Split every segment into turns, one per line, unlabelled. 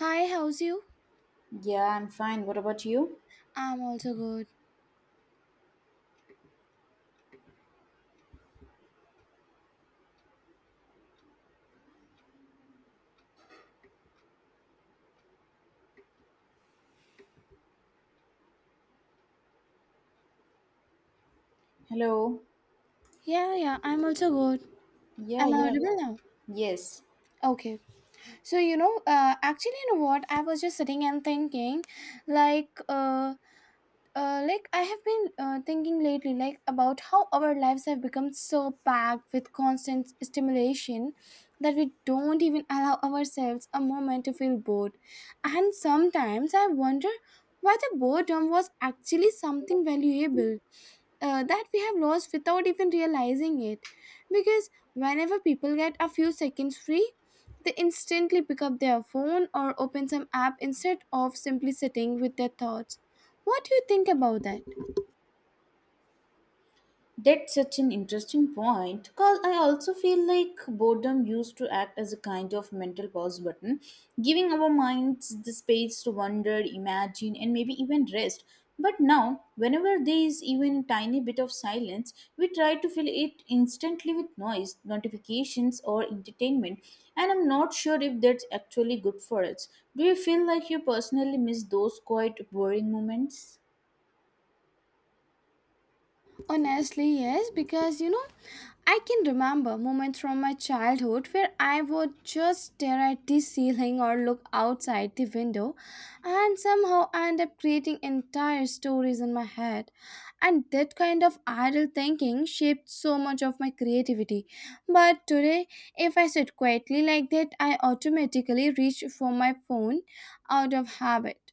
Hi, how's you?
Yeah, I'm fine. What about you?
I'm also good.
Hello.
Yeah, yeah, I'm also good.
Yeah,
Am I
yeah.
audible now?
Yes.
Okay. So, you know, actually, you know what? I was just sitting and thinking, like, uh, I have been thinking lately, about how our lives have become so packed with constant stimulation that we don't even allow ourselves a moment to feel bored. And sometimes I wonder whether boredom was actually something valuable that we have lost without even realizing it. Because whenever people get a few seconds free, they instantly pick up their phone or open some app instead of simply sitting with their thoughts. What do you think about that?
That's such an interesting point. Cause I also feel like boredom used to act as a kind of mental pause button, giving our minds the space to wonder, imagine, and maybe even rest. But now, whenever there is even a tiny bit of silence, we try to fill it instantly with noise, notifications, or entertainment. And I'm not sure if that's actually good for us. Do you feel like you personally miss those quiet, boring moments?
Honestly, yes, because I can remember moments from my childhood where I would just stare at the ceiling or look outside the window and somehow end up creating entire stories in my head. And that kind of idle thinking shaped so much of my creativity. But today, if I sit quietly like that, I automatically reach for my phone out of habit,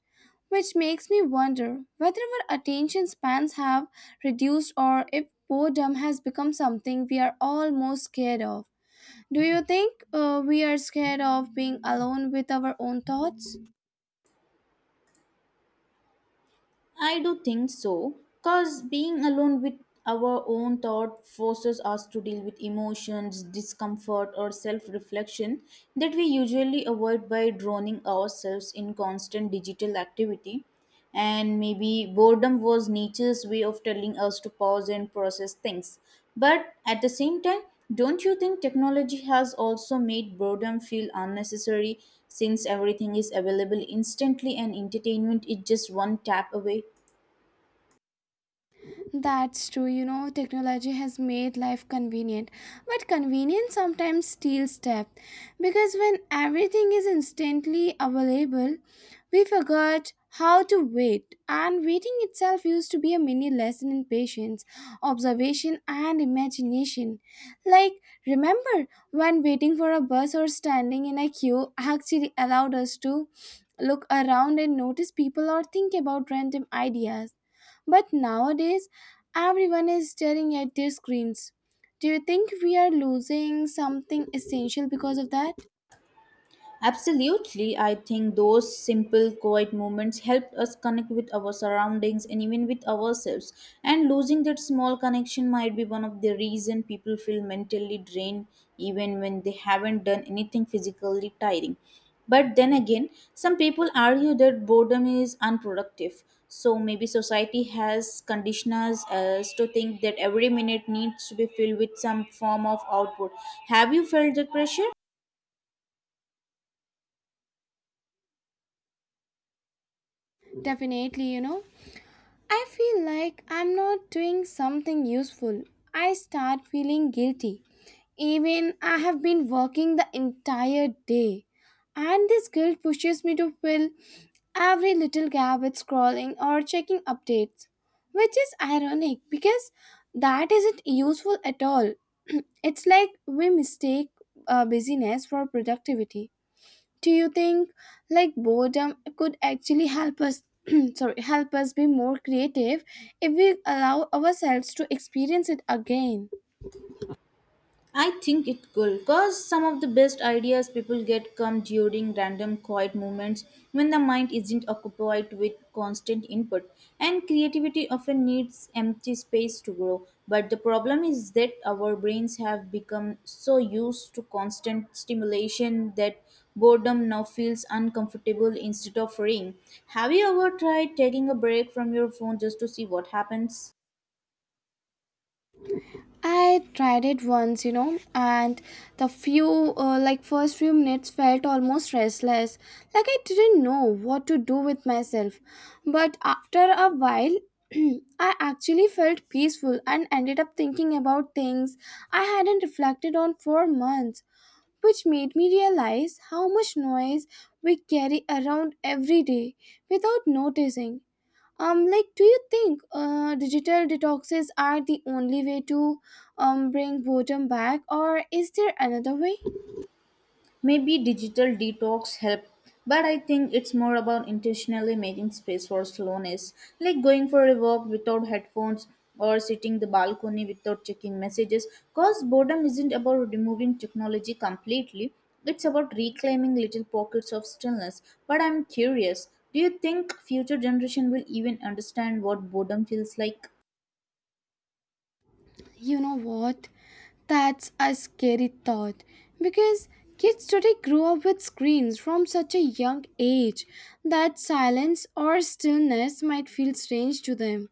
which makes me wonder whether our attention spans have reduced or if boredom has become something we are almost scared of. Do you think we are scared of being alone with our own thoughts?
I do think so, because being alone with our own thought forces us to deal with emotions, discomfort, or self reflection that we usually avoid by drowning ourselves in constant digital activity. And maybe boredom was nature's way of telling us to pause and process things. But at the same time, don't you think technology has also made boredom feel unnecessary since everything is available instantly and entertainment is just one tap away?
That's true. Technology has made life convenient, but convenience sometimes steals depth because when everything is instantly available, we forgot how to wait. And waiting itself used to be a mini lesson in patience, observation, and imagination. Like, Remember when waiting for a bus or standing in a queue actually allowed us to look around and notice people or think about random ideas. But nowadays, everyone is staring at their screens. Do you think we are losing something essential because of that?
Absolutely, I think those simple, quiet moments help us connect with our surroundings and even with ourselves. And losing that small connection might be one of the reason people feel mentally drained even when they haven't done anything physically tiring. But then again, some people argue that boredom is unproductive. So maybe society has conditioned us as to think that every minute needs to be filled with some form of output. Have you felt that pressure?
Definitely. I feel like I'm not doing something useful. I start feeling guilty. Even I have been working the entire day, and this guilt pushes me to fill every little gap with scrolling or checking updates, which is ironic because that isn't useful at all. It's like we mistake busyness for productivity. Do you think boredom could actually help us? Sorry, help us be more creative if we allow ourselves to experience it again?
I think it could because some of the best ideas people get come during random quiet moments when the mind isn't occupied with constant input. And creativity often needs empty space to grow. But the problem is that our brains have become so used to constant stimulation that boredom now feels uncomfortable instead of freeing. Have you ever tried taking a break from your phone just to see what happens?
I tried it once, and the first few minutes felt almost restless. Like, I didn't know what to do with myself. But after a while, I actually felt peaceful and ended up thinking about things I hadn't reflected on for months, which made me realize how much noise we carry around every day without noticing. Do you think digital detoxes are the only way to bring boredom back, or is there another way?
Maybe digital detox help, but I think it's more about intentionally making space for slowness, like going for a walk without headphones or sitting the balcony without checking messages. Cause boredom isn't about removing technology completely. It's about reclaiming little pockets of stillness. But I'm curious, do you think future generation will even understand what boredom feels like?
You know what? That's a scary thought because kids today grow up with screens from such a young age that silence or stillness might feel strange to them.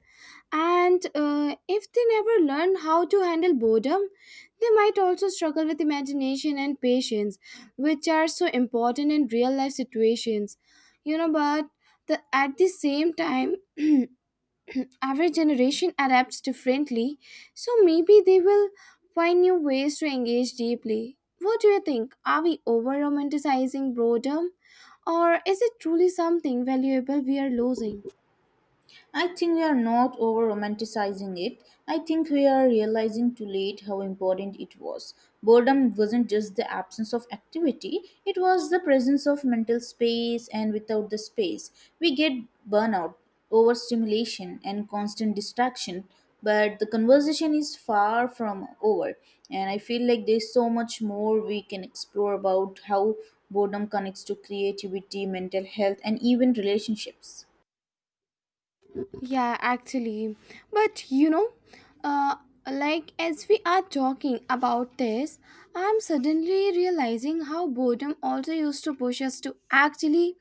And if they never learn how to handle boredom, they might also struggle with imagination and patience, which are so important in real life situations. But at the same time, every generation adapts differently, so maybe they will find new ways to engage deeply. What do you think? Are we over romanticizing boredom, or is it truly something valuable we are losing?
I think we are not over romanticizing it. I think we are realizing too late how important it was. Boredom wasn't just the absence of activity, it was the presence of mental space, and without the space, we get burnout, overstimulation, and constant distraction. But the conversation is far from over, and I feel like there's so much more we can explore about how boredom connects to creativity, mental health, and even relationships.
Yeah, actually. But uh, as we are talking about this, I'm suddenly realizing how boredom also used to push us to actually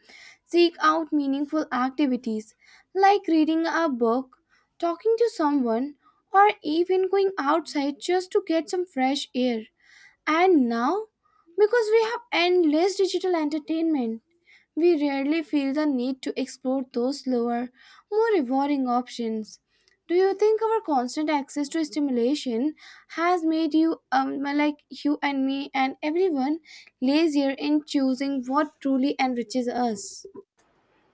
seek out meaningful activities like reading a book, talking to someone, or even going outside just to get some fresh air. And now, because we have endless digital entertainment, we rarely feel the need to explore those slower, more rewarding options. Do you think our constant access to stimulation has made you and me and everyone, lazier in choosing what truly enriches us?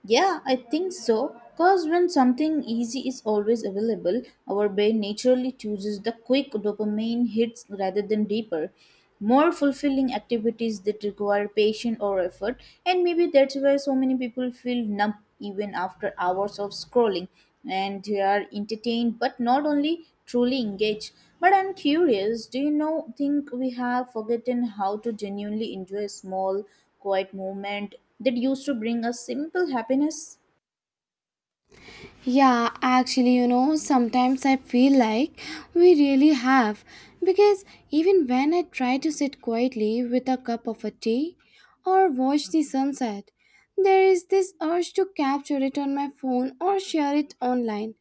Yeah, I think so. Because when something easy is always available, our brain naturally chooses the quick dopamine hits rather than deeper, more fulfilling activities that require patience or effort. And maybe that's why so many people feel numb even after hours of scrolling and they are entertained but not only truly engaged. But I'm curious, do think we have forgotten how to genuinely enjoy a small quiet moment that used to bring us simple happiness?
Yeah, actually, sometimes I feel like we really have. Because even when I try to sit quietly with a cup of a tea or watch the sunset, there is this urge to capture it on my phone or share it online,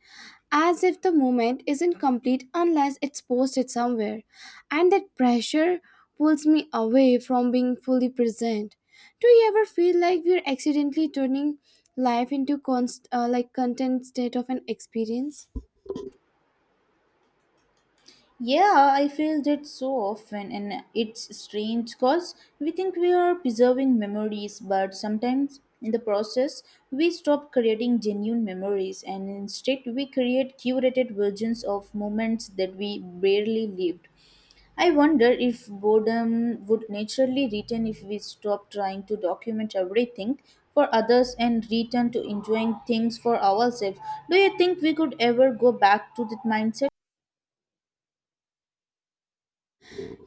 as if the moment isn't complete unless it's posted somewhere. And that pressure pulls me away from being fully present. Do you ever feel like we're accidentally turning life into content state of an experience?
Yeah, I feel that so often, and it's strange because we think we are preserving memories, but sometimes in the process, we stop creating genuine memories and instead we create curated versions of moments that we barely lived. I wonder if boredom would naturally return if we stop trying to document everything for others and return to enjoying things for ourselves. Do you think we could ever go back to that mindset?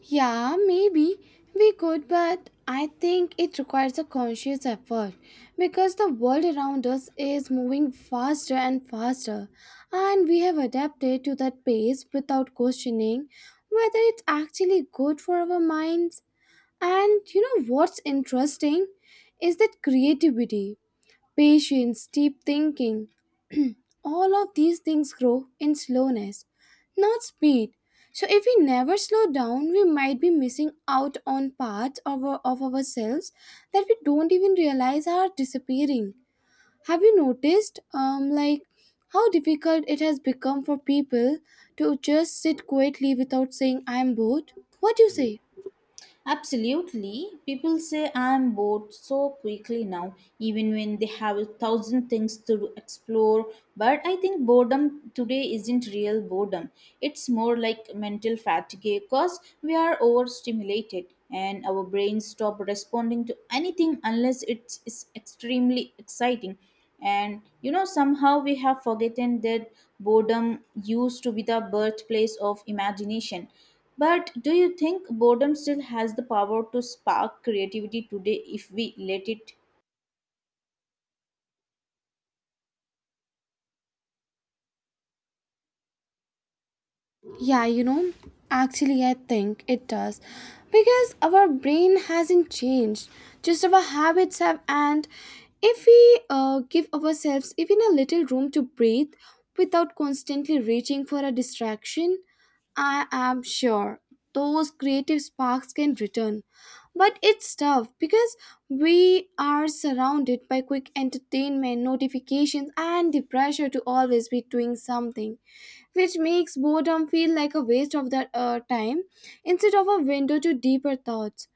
Yeah, maybe we could, but I think it requires a conscious effort because the world around us is moving faster and faster, and we have adapted to that pace without questioning whether it's actually good for our minds. And you know what's interesting is that creativity, patience, deep thinking, all of these things grow in slowness, not speed. So, if we never slow down, we might be missing out on parts of ourselves that we don't even realize are disappearing. Have you noticed, how difficult it has become for people to just sit quietly without saying, I'm bored? What do you say?
Absolutely. People say I'm bored so quickly now, even when they have a thousand things to explore. But I think boredom today isn't real boredom. It's more like mental fatigue because we are overstimulated and our brains stop responding to anything unless it's extremely exciting, and somehow we have forgotten that boredom used to be the birthplace of imagination. But do you think boredom still has the power to spark creativity today if we let it?
Yeah, actually, I think it does because our brain hasn't changed, just our habits have. And if we give ourselves even a little room to breathe without constantly reaching for a distraction, I am sure those creative sparks can return. But it's tough because we are surrounded by quick entertainment, notifications, and the pressure to always be doing something, which makes boredom feel like a waste of that time instead of a window to deeper thoughts.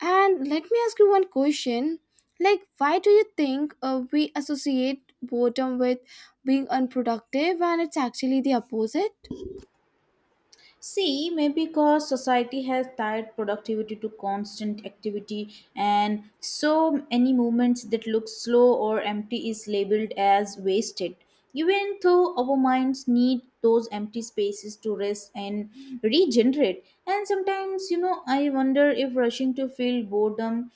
And let me ask you one question, like, why do you think we associate boredom with being unproductive when it's actually the opposite?
See, maybe because society has tied productivity to constant activity, and so any movements that look slow or empty is labeled as wasted. Even though our minds need those empty spaces to rest and regenerate. And sometimes I wonder if rushing to feel boredom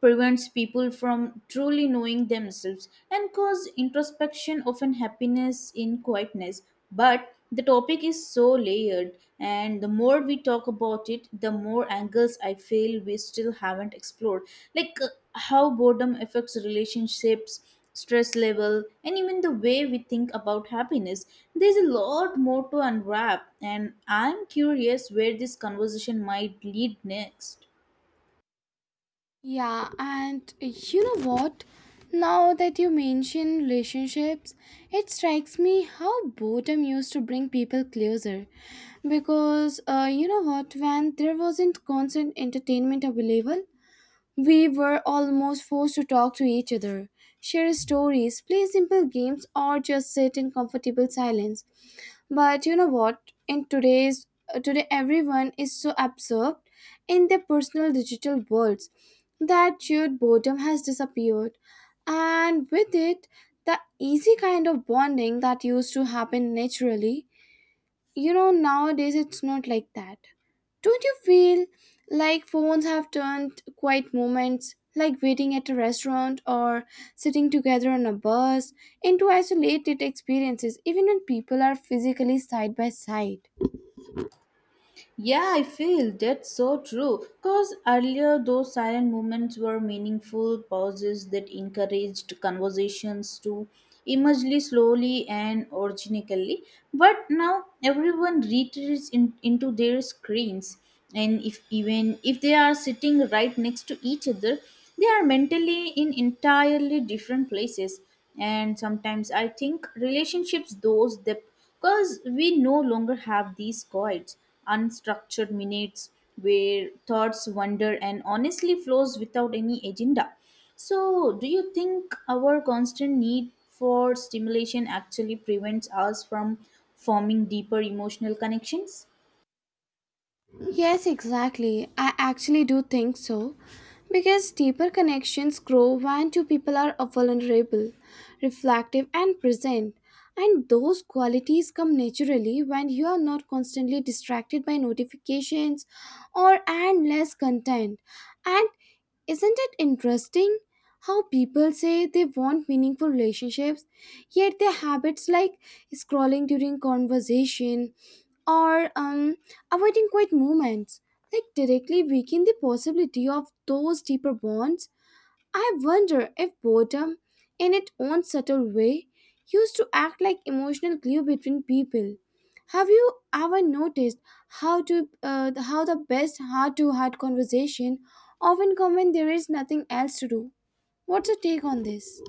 prevents people from truly knowing themselves and cause introspection often happiness in quietness. But the topic is so layered, and the more we talk about it, the more angles I feel we still haven't explored, like how boredom affects relationships, stress level, and even the way we think about happiness. There's a lot more to unwrap, and I'm curious where this conversation might lead next.
Yeah, and you know what? Now that you mention relationships, it strikes me how boredom used to bring people closer. Because when there wasn't constant entertainment available, we were almost forced to talk to each other, share stories, play simple games, or just sit in comfortable silence. But you know what? In today's today, everyone is so absorbed in their personal digital worlds that shared boredom has disappeared, and with it, the easy kind of bonding that used to happen naturally. You know, nowadays it's not like that. Don't you feel like phones have turned quiet moments like waiting at a restaurant or sitting together on a bus into isolated experiences even when people are physically side by side?
Yeah, I feel that's so true. Because earlier, those silent moments were meaningful pauses that encouraged conversations to emerge slowly and organically. But now, everyone retreats into their screens, and if even if they are sitting right next to each other, they are mentally in entirely different places. And sometimes I think relationships, those that because we no longer have these quiet, unstructured minutes where thoughts wander and honestly flows without any agenda. So, do you think our constant need for stimulation actually prevents us from forming deeper emotional connections?
Yes, exactly. I actually do think so. Because deeper connections grow when two people are vulnerable, reflective, and present. And those qualities come naturally when you are not constantly distracted by notifications or endless content. And isn't it interesting how people say they want meaningful relationships yet their habits like scrolling during conversation or avoiding quiet moments like directly weaken the possibility of those deeper bonds. I wonder if boredom, in its own subtle way, used to act like emotional glue between people. Have you ever noticed how to uh, how the best heart to heart conversation often come when there is nothing else to do? What's your take on this?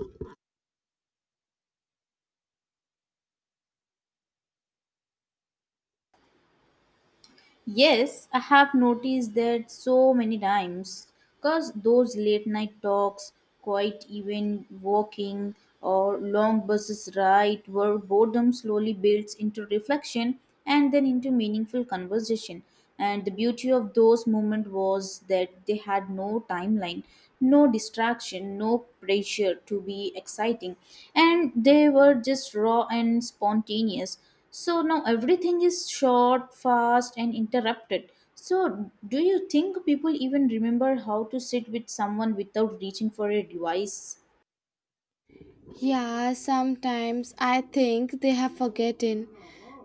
Yes, I have noticed that so many times, because those late night talks, quiet even walking, or long buses ride where boredom slowly builds into reflection and then into meaningful conversation. And the beauty of those moments was that they had no timeline, no distraction, no pressure to be exciting, and they were just raw and spontaneous. So now everything is short, fast, and interrupted. So, do you think people even remember how to sit with someone without reaching for a device?
Yeah, sometimes I think they have forgotten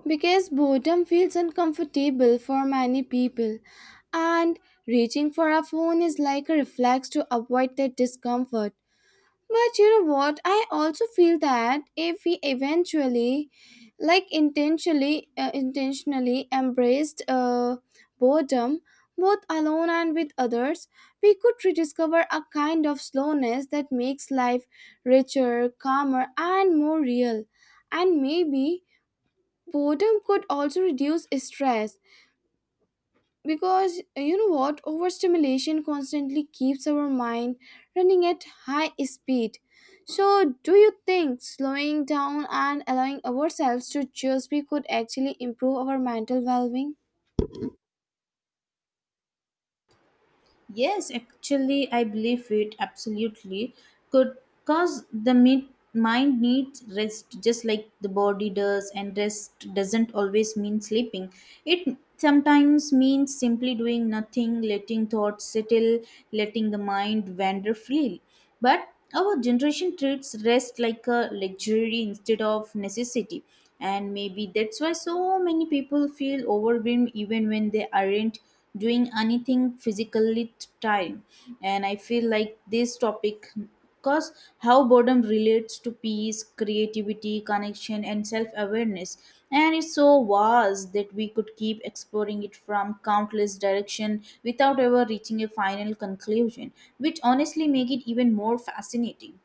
because boredom feels uncomfortable for many people, and reaching for a phone is like a reflex to avoid that discomfort. But you know what? I also feel that if we intentionally embraced boredom, both alone and with others, we could rediscover a kind of slowness that makes life richer, calmer, and more real. And maybe boredom could also reduce stress because you know what, overstimulation constantly keeps our mind running at high speed. So do you think slowing down and allowing ourselves to just be could actually improve our mental well-being?
Yes, actually, I believe it absolutely. Could cause the mind needs rest, just like the body does, and rest doesn't always mean sleeping. It sometimes means simply doing nothing, letting thoughts settle, letting the mind wander freely. But our generation treats rest like a luxury instead of necessity. And maybe that's why so many people feel overwhelmed even when they aren't doing anything physically time. And I feel like this topic because how boredom relates to peace, creativity, connection, and self awareness. And it's so vast that we could keep exploring it from countless direction without ever reaching a final conclusion, which honestly make it even more fascinating.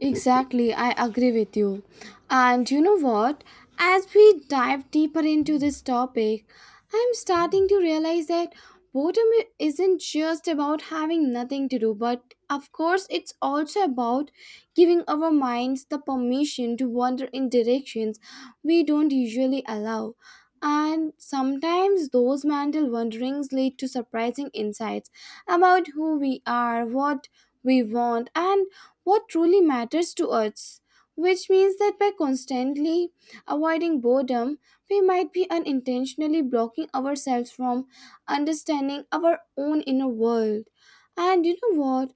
Exactly, I agree with you. And you know what? As we dive deeper into this topic, I'm starting to realize that isn't just about having nothing to do, but of course, it's also about giving our minds the permission to wander in directions we don't usually allow. And sometimes those mental wanderings lead to surprising insights about who we are, what we want, and what truly matters to us. Which means that by constantly avoiding boredom, we might be unintentionally blocking ourselves from understanding our own inner world. And you know what?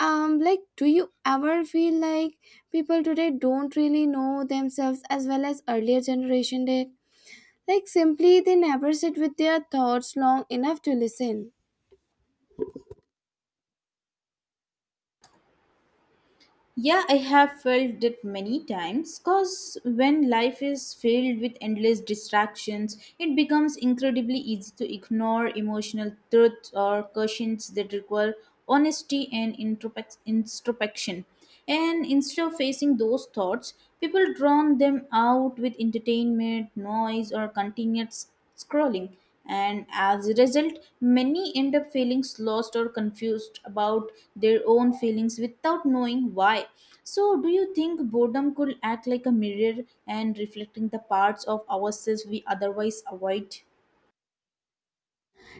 Do you ever feel like people today don't really know themselves as well as earlier generation did? Like, simply they never sit with their thoughts long enough to listen.
Yeah, I have felt it many times, because when life is filled with endless distractions, it becomes incredibly easy to ignore emotional truths or questions that require honesty and introspection. And instead of facing those thoughts, people drown them out with entertainment, noise, or continuous scrolling. And as a result, many end up feeling lost or confused about their own feelings without knowing why. So do you think boredom could act like a mirror and reflecting the parts of ourselves we otherwise avoid?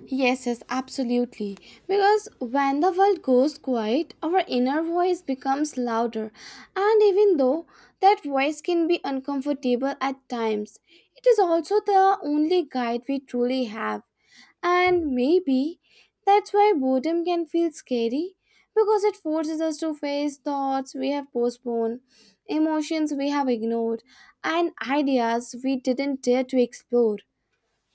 Yes, yes, absolutely. Because when the world goes quiet, our inner voice becomes louder. And even though that voice can be uncomfortable at times, it is also the only guide we truly have. And maybe that's why boredom can feel scary because it forces us to face thoughts we have postponed, emotions we have ignored, and ideas we didn't dare to explore.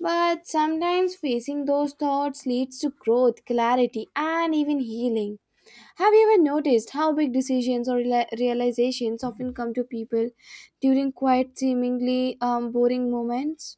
But sometimes facing those thoughts leads to growth, clarity, and even healing. Have you ever noticed how big decisions or realizations often come to people during quiet, seemingly boring moments?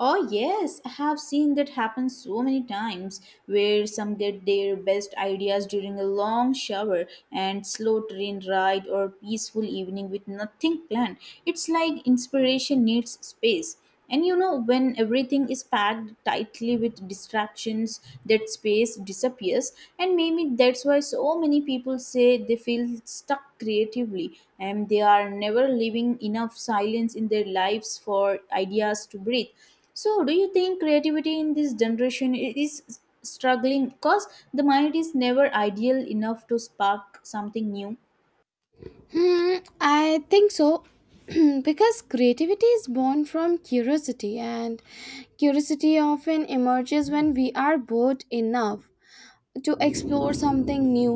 Oh, yes, I have seen that happen so many times, where some get their best ideas during a long shower and slow train ride or peaceful evening with nothing planned. It's like inspiration needs space. And when everything is packed tightly with distractions, that space disappears. And maybe that's why so many people say they feel stuck creatively, and they are never leaving enough silence in their lives for ideas to breathe. So, do you think creativity in this generation is struggling because the mind is never ideal enough to spark something new?
Hmm, I think so. Because creativity is born from curiosity, and curiosity often emerges when we are bored enough to explore something new,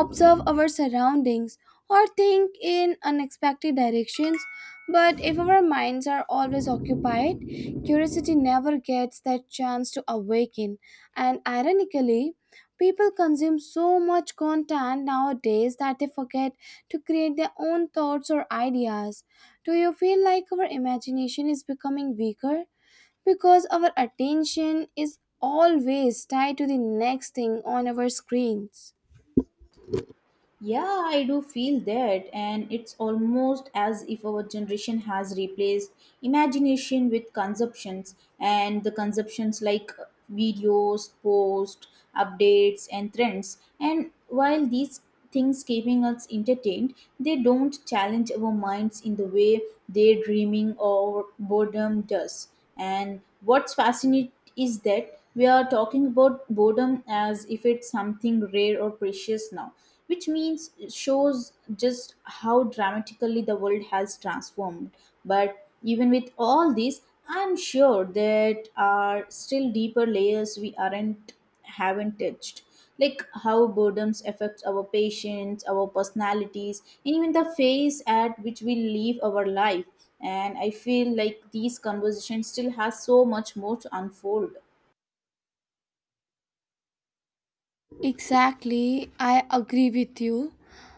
observe our surroundings, or think in unexpected directions. But if our minds are always occupied, curiosity never gets that chance to awaken. And ironically, people consume so much content nowadays that they forget to create their own thoughts or ideas. Do you feel like our imagination is becoming weaker because our attention is always tied to the next thing on our screens?
Yeah, I do feel that, and it's almost as if our generation has replaced imagination with consumptions, and the consumptions like videos, posts, updates, and trends. And while these things keeping us entertained, they don't challenge our minds in the way daydreaming or boredom does. And what's fascinating is that we are talking about boredom as if it's something rare or precious now, which means it shows just how dramatically the world has transformed. But even with all this, I'm sure that are still deeper layers we aren't haven't touched, like how boredom affects our patience, our personalities, and even the phase at which we live our life. And I feel like these conversations still has so much more to unfold.
Exactly, I agree with you.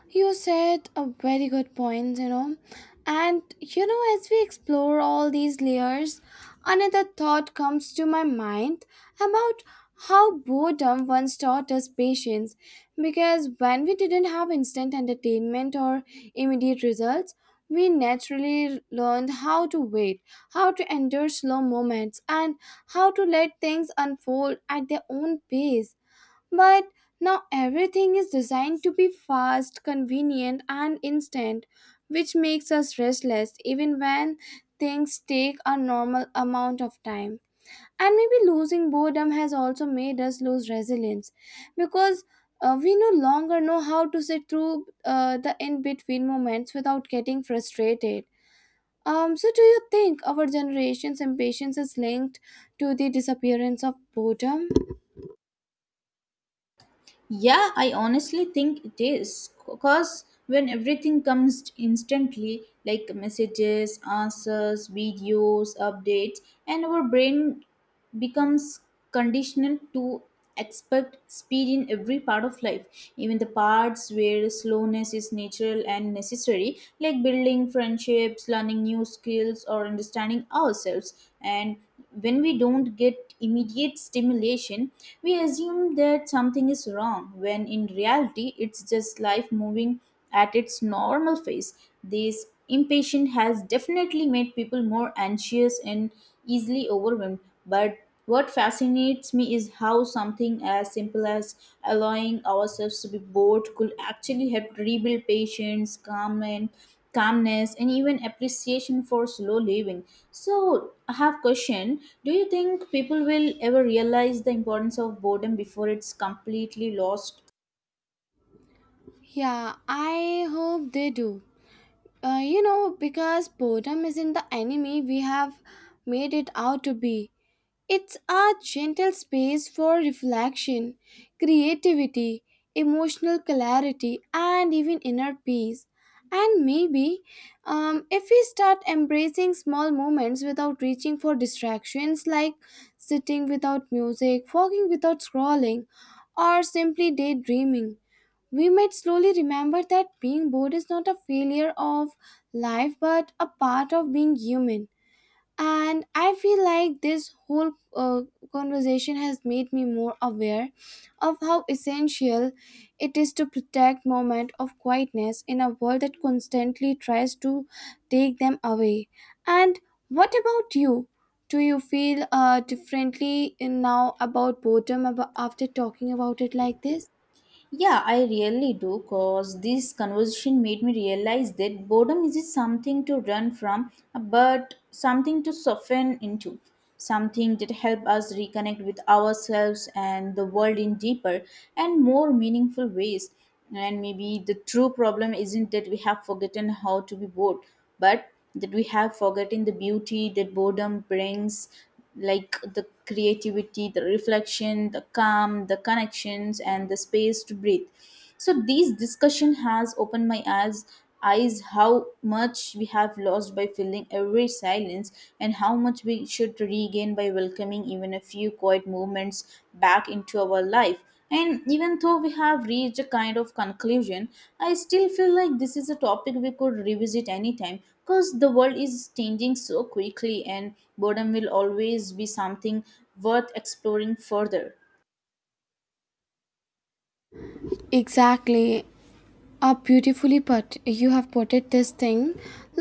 You said a very good point. And as we explore all these layers, another thought comes to my mind about how boredom once taught us patience. Because when we didn't have instant entertainment or immediate results, we naturally learned how to wait, how to endure slow moments, and how to let things unfold at their own pace. But now everything is designed to be fast, convenient, and instant, which makes us restless even when things take a normal amount of time. And maybe losing boredom has also made us lose resilience because we no longer know how to sit through the in between moments without getting frustrated. So, do you think our generation's impatience is linked to the disappearance of boredom?
Yeah, I honestly think it is. Because when everything comes instantly, like messages, answers, videos, updates, and our brain becomes conditioned to expect speed in every part of life, even the parts where slowness is natural and necessary, like building friendships, learning new skills, or understanding ourselves. And when we don't get immediate stimulation, we assume that something is wrong, when in reality, it's just life moving at its normal pace. This impatience has definitely made people more anxious and easily overwhelmed. But what fascinates me is how something as simple as allowing ourselves to be bored could actually help rebuild patience, calm, and calmness and even appreciation for slow living. So I have question, do you think people will ever realize the importance of boredom before it's completely lost?
Yeah, I hope they do. You know, because boredom isn't the enemy we have made it out to be. It's a gentle space for reflection, creativity, emotional clarity, and even inner peace. And maybe if we start embracing small moments without reaching for distractions, like sitting without music, walking without scrolling, or simply daydreaming, we might slowly remember that being bored is not a failure of life but a part of being human. And I feel like this whole conversation has made me more aware of how essential it is to protect moment of quietness in a world that constantly tries to take them away. And what about you? Do you feel differently in now about boredom after talking about it like this?
Yeah, I really do. Cause this conversation made me realize that boredom isn't something to run from, but something to soften into, something that help us reconnect with ourselves and the world in deeper and more meaningful ways. And maybe the true problem isn't that we have forgotten how to be bored, but that we have forgotten the beauty that boredom brings, like the creativity, the reflection, the calm, the connections, and the space to breathe. So this discussion has opened my eyes how much we have lost by filling every silence, and how much we should regain by welcoming even a few quiet moments back into our life. And even though we have reached a kind of conclusion, I still feel like this is a topic we could revisit anytime, because the world is changing so quickly and boredom will always be something worth exploring further.
Exactly. Are beautifully put, you have putted this thing,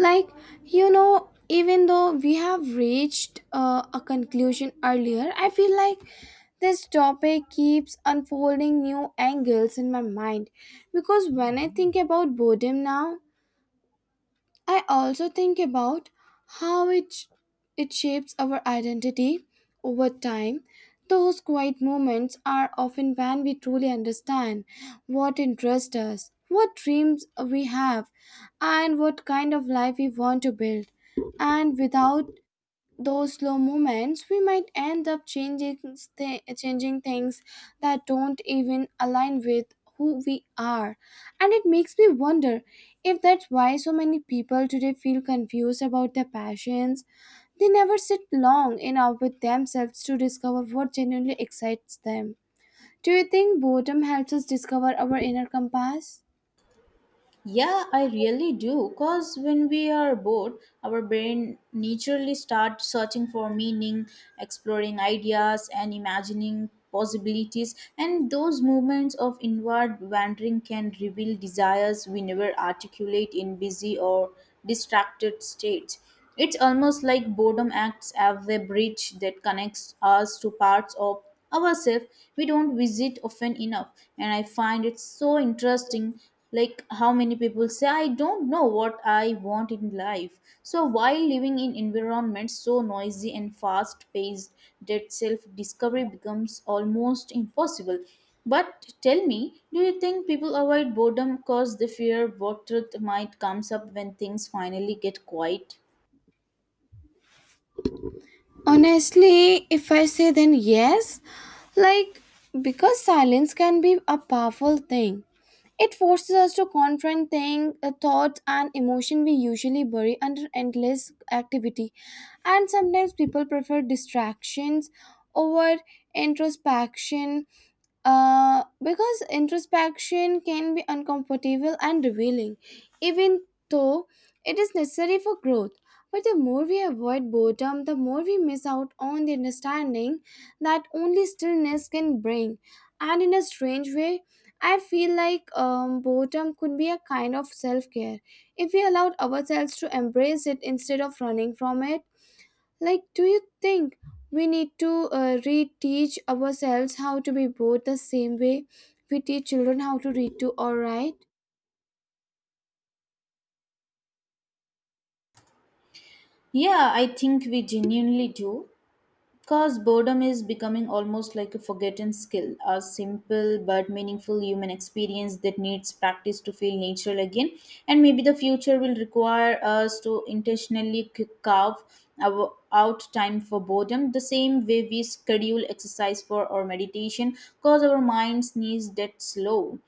like, even though we have reached a conclusion earlier, I feel like this topic keeps unfolding new angles in my mind. Because when I think about boredom now, I also think about how it shapes our identity over time. Those quiet moments are often when we truly understand what interests us, what dreams we have, and what kind of life we want to build. And without those slow moments, we might end up changing changing things that don't even align with who we are. And it makes me wonder if that's why so many people today feel confused about their passions. They never sit long enough with themselves to discover what genuinely excites them. Do you think boredom helps us discover our inner compass?
Yeah, I really do. Cause when we are bored, our brain naturally starts searching for meaning, exploring ideas, and imagining possibilities. And those movements of inward wandering can reveal desires we never articulate in busy or distracted states. It's almost like boredom acts as a bridge that connects us to parts of ourselves we don't visit often enough. And I find it so interesting, like how many people say, I don't know what I want in life. So while living in environments so noisy and fast paced that self discovery becomes almost impossible. But tell me, do you think people avoid boredom because they fear what truth might comes up when things finally get quiet?
Honestly, if I say then yes, like, because silence can be a powerful thing. It forces us to confront things, thoughts, and emotion we usually bury under endless activity. And sometimes people prefer distractions over introspection, because introspection can be uncomfortable and revealing, even though it is necessary for growth. But the more we avoid boredom, the more we miss out on the understanding that only stillness can bring. And in a strange way, I feel like boredom could be a kind of self care. If we allowed ourselves to embrace it instead of running from it, like, do you think we need to reteach ourselves how to be both the same way we teach children how to read to or write?
Yeah, I think we genuinely do. Because boredom is becoming almost like a forgotten skill, a simple but meaningful human experience that needs practice to feel natural again. And maybe the future will require us to intentionally carve out time for boredom, the same way we schedule exercise for or meditation, because our minds needs that slow.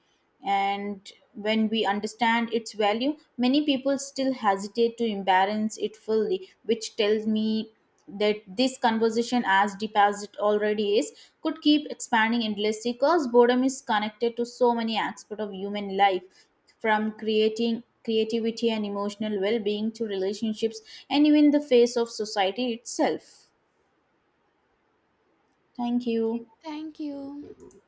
And when we understand its value, many people still hesitate to embrace it fully, which tells me that this conversation, as deep as it already is, could keep expanding endlessly because boredom is connected to so many aspects of human life, from creating creativity and emotional well-being to relationships, and even the face of society itself. Thank you.
Thank you.